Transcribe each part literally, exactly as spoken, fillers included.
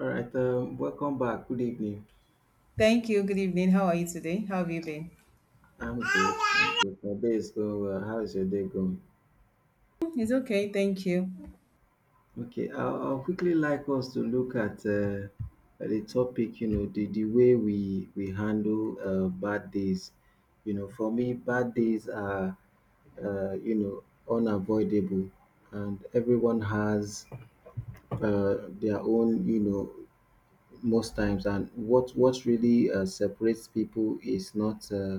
All right, um, welcome back. Good evening. Thank you. Good evening. How are you today? How have you been? I'm good. I'm good. My day is going well. How is your day going? It's okay. Thank you. Okay, I'll, I'll quickly like us to look at uh, the topic, you know, the, the way we, we handle uh, bad days. You know, for me, bad days are, uh, you know, unavoidable, and everyone has uh, their own, you know, most times, and what what really uh, separates people is not uh,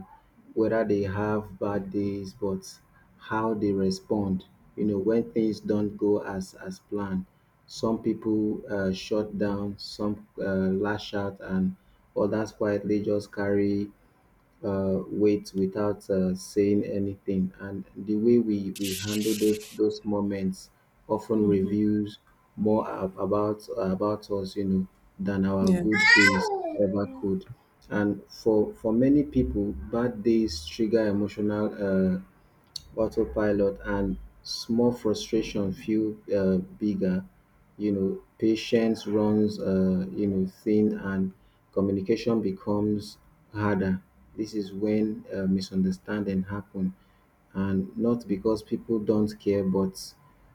whether they have bad days, but how they respond you know when things don't go as as planned. Some people uh, shut down, some uh, lash out, and others quietly just carry uh, weight without uh, saying anything. And the way we, we handle those those moments often reveals more ab- about about us, you know, than our Yeah. good days ever could. And for for many people, bad days trigger emotional uh, autopilot, and small frustration feel uh, bigger. You know, patience runs uh, you know, thin, and communication becomes harder. This is when uh, misunderstanding happen, and not because people don't care, but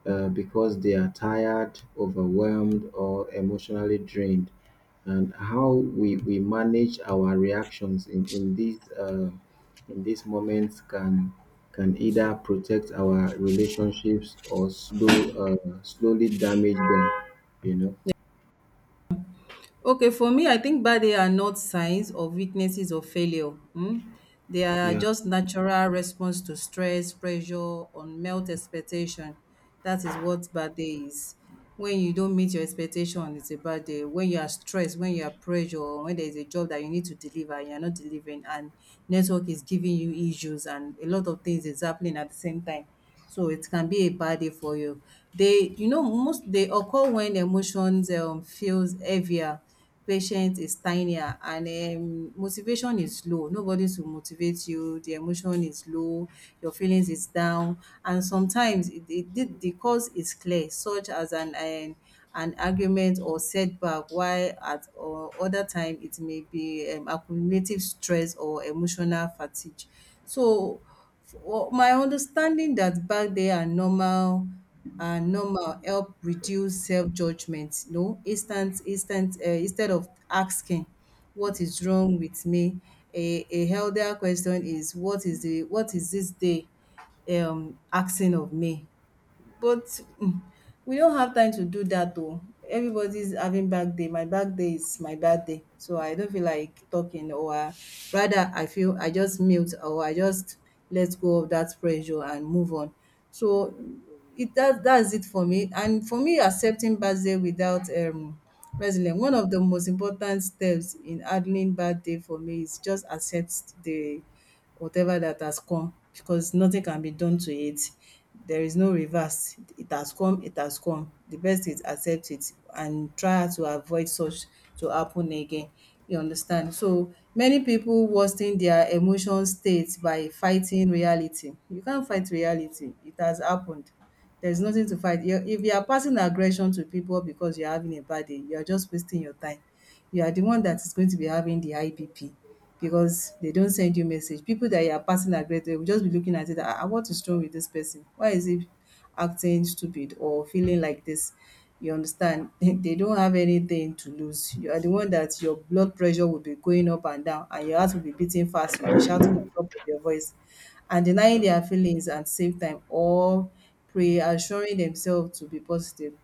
uh, because they are tired, overwhelmed, or emotionally drained. And how we, we manage our reactions in, in these uh, in these moments can can either protect our relationships or slow uh, slowly damage them. You know. Okay, for me, I think bad day are not signs or witnesses of failure. mm. They are Yeah. just natural response to stress, pressure, unmet expectation. That is what bad day is. When you don't meet your expectation, it's a bad day. When you are stressed, when you are pressure, or when there is a job that you need to deliver and you're not delivering, and network is giving you issues and a lot of things is happening at the same time. So it can be a bad day for you. They, you know, most they occur when emotions um, feels heavier, patience is tinier, and um, motivation is low. Nobody's to motivate you. The emotion is low. Your feelings is down, and sometimes it, it, the the cause is clear, such as an an, an argument or setback. While at or other time it may be um, accumulative stress or emotional fatigue. So for my understanding that back there are normal are normal help reduce self-judgment, you know, instant instant uh, instead of asking what is wrong with me, a, a healthier question is what is the what is this day um asking of me? But mm, we don't have time to do that though. Everybody's having back day. My back day is my bad day. So I don't feel like talking or uh, rather I feel I just mute or I just let go of that pressure and move on. So it that that's it for me. And for me accepting bad day without um resilience, one of the most important steps in handling bad day for me is just accept the whatever that has come because nothing can be done to it. There is no reverse. It has come, it has come. The best is accept it and try to avoid such to happen again. You understand? So many people worsen their emotion state by fighting reality. You can't fight reality. It has happened. There's nothing to fight. You if you are passing aggression to people because you're having a bad day, you are just wasting your time. You are the one that is going to be having the high because they don't send you message. People that you are passing aggression will just be looking at it. Ah, ah, what is wrong with this person? Why is he acting stupid or feeling like this? You understand? They don't have anything to lose. You are the one that your blood pressure will be going up and down, and your heart will be beating fast. You'll be shouting on top of your voice and denying their feelings and save time or pray, and assuring themselves to be positive.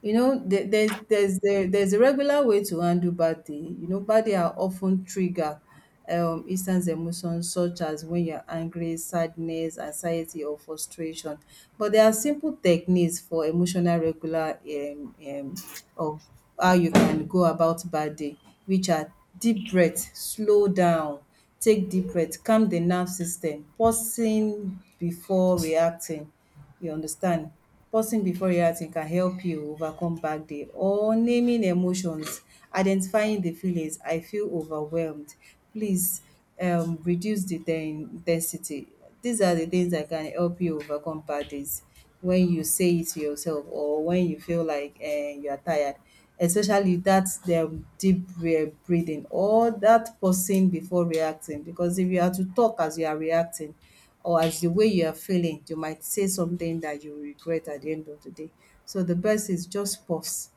You know, there- there's there's the there's a regular way to handle bad day. You know, bad day are often trigger um instant emotions such as when you're angry, sadness, anxiety, or frustration. But there are simple techniques for emotional regular um, um of how you can go about bad day, which are deep breath, slow down, take deep breath, calm the nerve system, pausing before reacting. You understand? Pausing before reacting can help you overcome back day or naming emotions, identifying the feelings. I feel overwhelmed. Please um, reduce the ten- intensity. These are the things that can help you overcome bad days when you say it to yourself or when you feel like eh, you are tired, especially that's the deep bre- breathing or that pausing before reacting. Because if you are to talk as you are reacting or as the way you are feeling, you might say something that you regret at the end of the day. So the best is just pause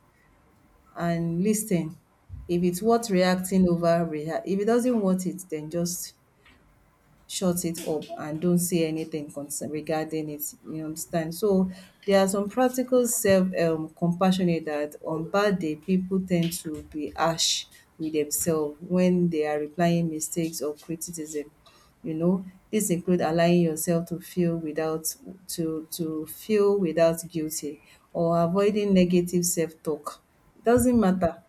and listen. If it's worth reacting over, rea- if it doesn't worth it, then just shut it up and don't say anything concern regarding it. You understand? So there are some practical self um compassionate that on bad day people tend to be harsh with themselves when they are replying mistakes or criticism. You know, this include allowing yourself to feel without to to feel without guilty or avoiding negative self talk. It doesn't matter.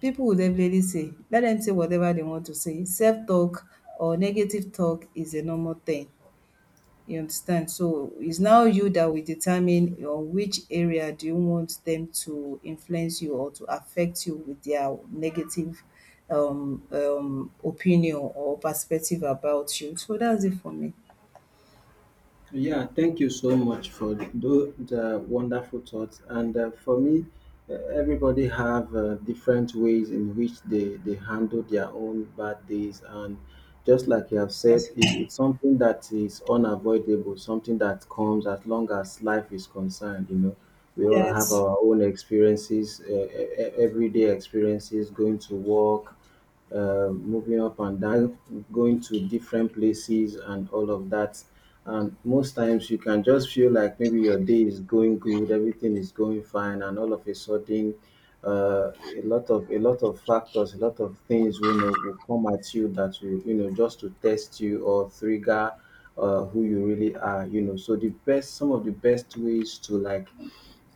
People will definitely say, let them say whatever they want to say. Self-talk or negative talk is a normal thing, you understand. So, it's now you that will determine on which area do you want them to influence you or to affect you with their negative um um opinion or perspective about you. So, that's it for me. Yeah, thank you so much for tho- the wonderful thoughts. And uh, for me, uh, everybody have uh, different ways in which they, they handle their own bad days. And just like you have said, it, it's something that is unavoidable, something that comes as long as life is concerned. You know, we all have Yes. our own experiences, uh, e- e- everyday experiences, going to work, uh, moving up and down, going to different places and all of that. And most times you can just feel like maybe your day is going good, everything is going fine, and all of a sudden, uh, a lot of a lot of factors, a lot of things will know will come at you that will, you know, just to test you or trigger uh, who you really are, you know. So the best, some of the best ways to like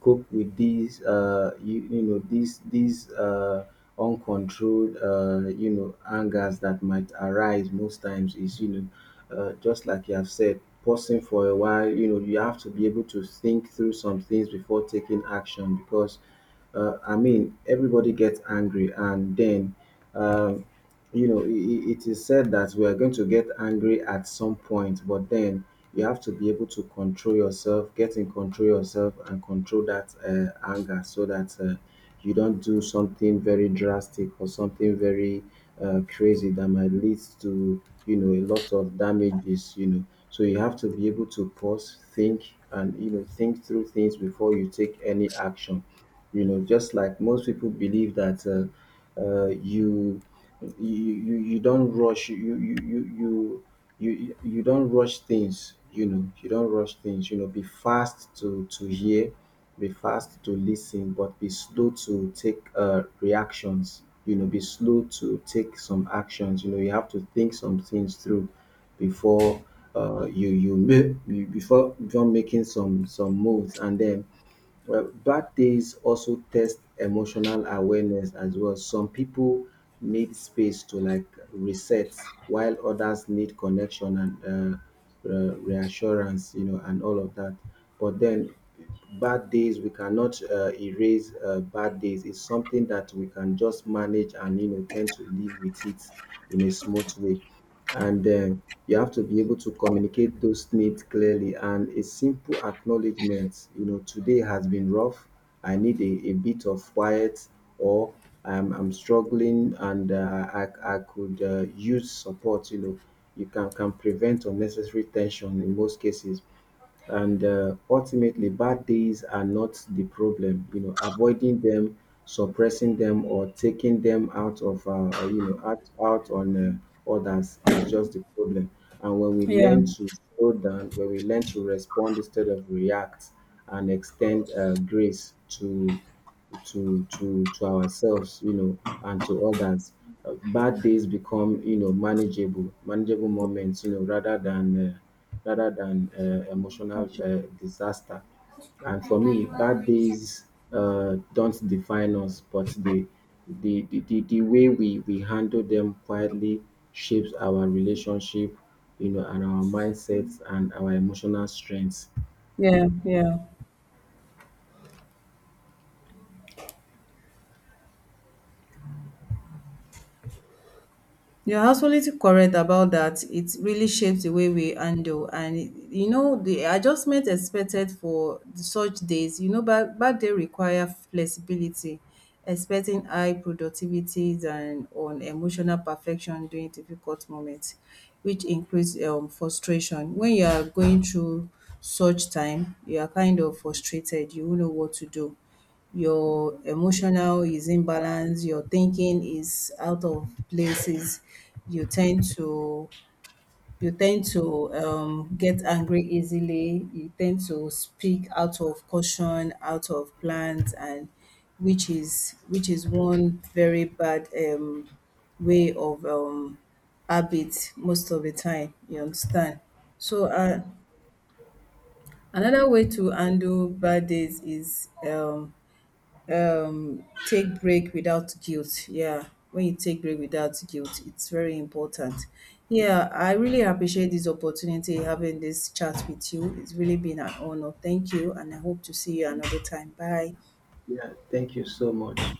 cope with these, uh, you, you know, these these uh, uncontrolled, uh, you know, angers that might arise most times is, you know, uh, just like you have said, pausing for a while. You know, you have to be able to think through some things before taking action, because uh, I mean, everybody gets angry, and then um, you know, it, it is said that we are going to get angry at some point, but then you have to be able to control yourself, get in, control yourself, and control that uh, anger, so that uh, you don't do something very drastic or something very uh, crazy that might lead to, you know, a lot of damages, you know. So you have to be able to pause, think, and, you know, think through things before you take any action, you know, just like most people believe that uh, uh, you, you you you don't rush, you you you you you you don't rush things, you know, you don't rush things, you know, be fast to to hear, be fast to listen, but be slow to take uh, reactions, you know, be slow to take some actions, you know, you have to think some things through before uh, you you make before before making some some moves. And then, well, bad days also test emotional awareness as well. Some people need space to like reset, while others need connection and uh, re- reassurance, you know, and all of that. But then, bad days we cannot uh, erase. Uh, bad days, it's something that we can just manage and, you know, tend to live with it in a smooth way. And um, you have to be able to communicate those needs clearly, and a simple acknowledgement, you know, today has been rough, i need a, a bit of quiet, or i'm, I'm struggling, and uh, I, I could uh, use support, you know, you can, can prevent unnecessary tension in most cases. And uh, ultimately, bad days are not the problem. You know, avoiding them, suppressing them, or taking them out of, uh, you know, out, out on uh, others is just the problem. And when we Yeah. learn to slow down, when we learn to respond instead of react, and extend uh, grace to to to to ourselves, you know, and to others, uh, bad days become, you know, manageable, manageable moments, you know, rather than. Uh, rather than uh, emotional uh, disaster. And for me, bad days uh, don't define us, but the the, the, the, the way we, we handle them quietly shapes our relationship, you know, and our mindsets and our emotional strengths. Yeah, yeah. You're absolutely correct about that. It really shapes the way we handle, and you know the adjustment expected for such days. You know, back back day require flexibility, expecting high productivities and on emotional perfection during difficult moments, which increase um, frustration. When you are going through such time, you are kind of frustrated. You won't know what to do your emotional is imbalanced, your thinking is out of places, you tend to you tend to um, get angry easily, you tend to speak out of caution, out of plans, and which is which is one very bad um, way of um, habit most of the time. You understand? So uh, another way to handle bad days is um, um take break without guilt. Yeah, when you take break without guilt it's very important. Yeah, I really appreciate this opportunity having this chat with you. It's really been an honor. Thank you and I hope to see you another time. Bye. Yeah, thank you so much.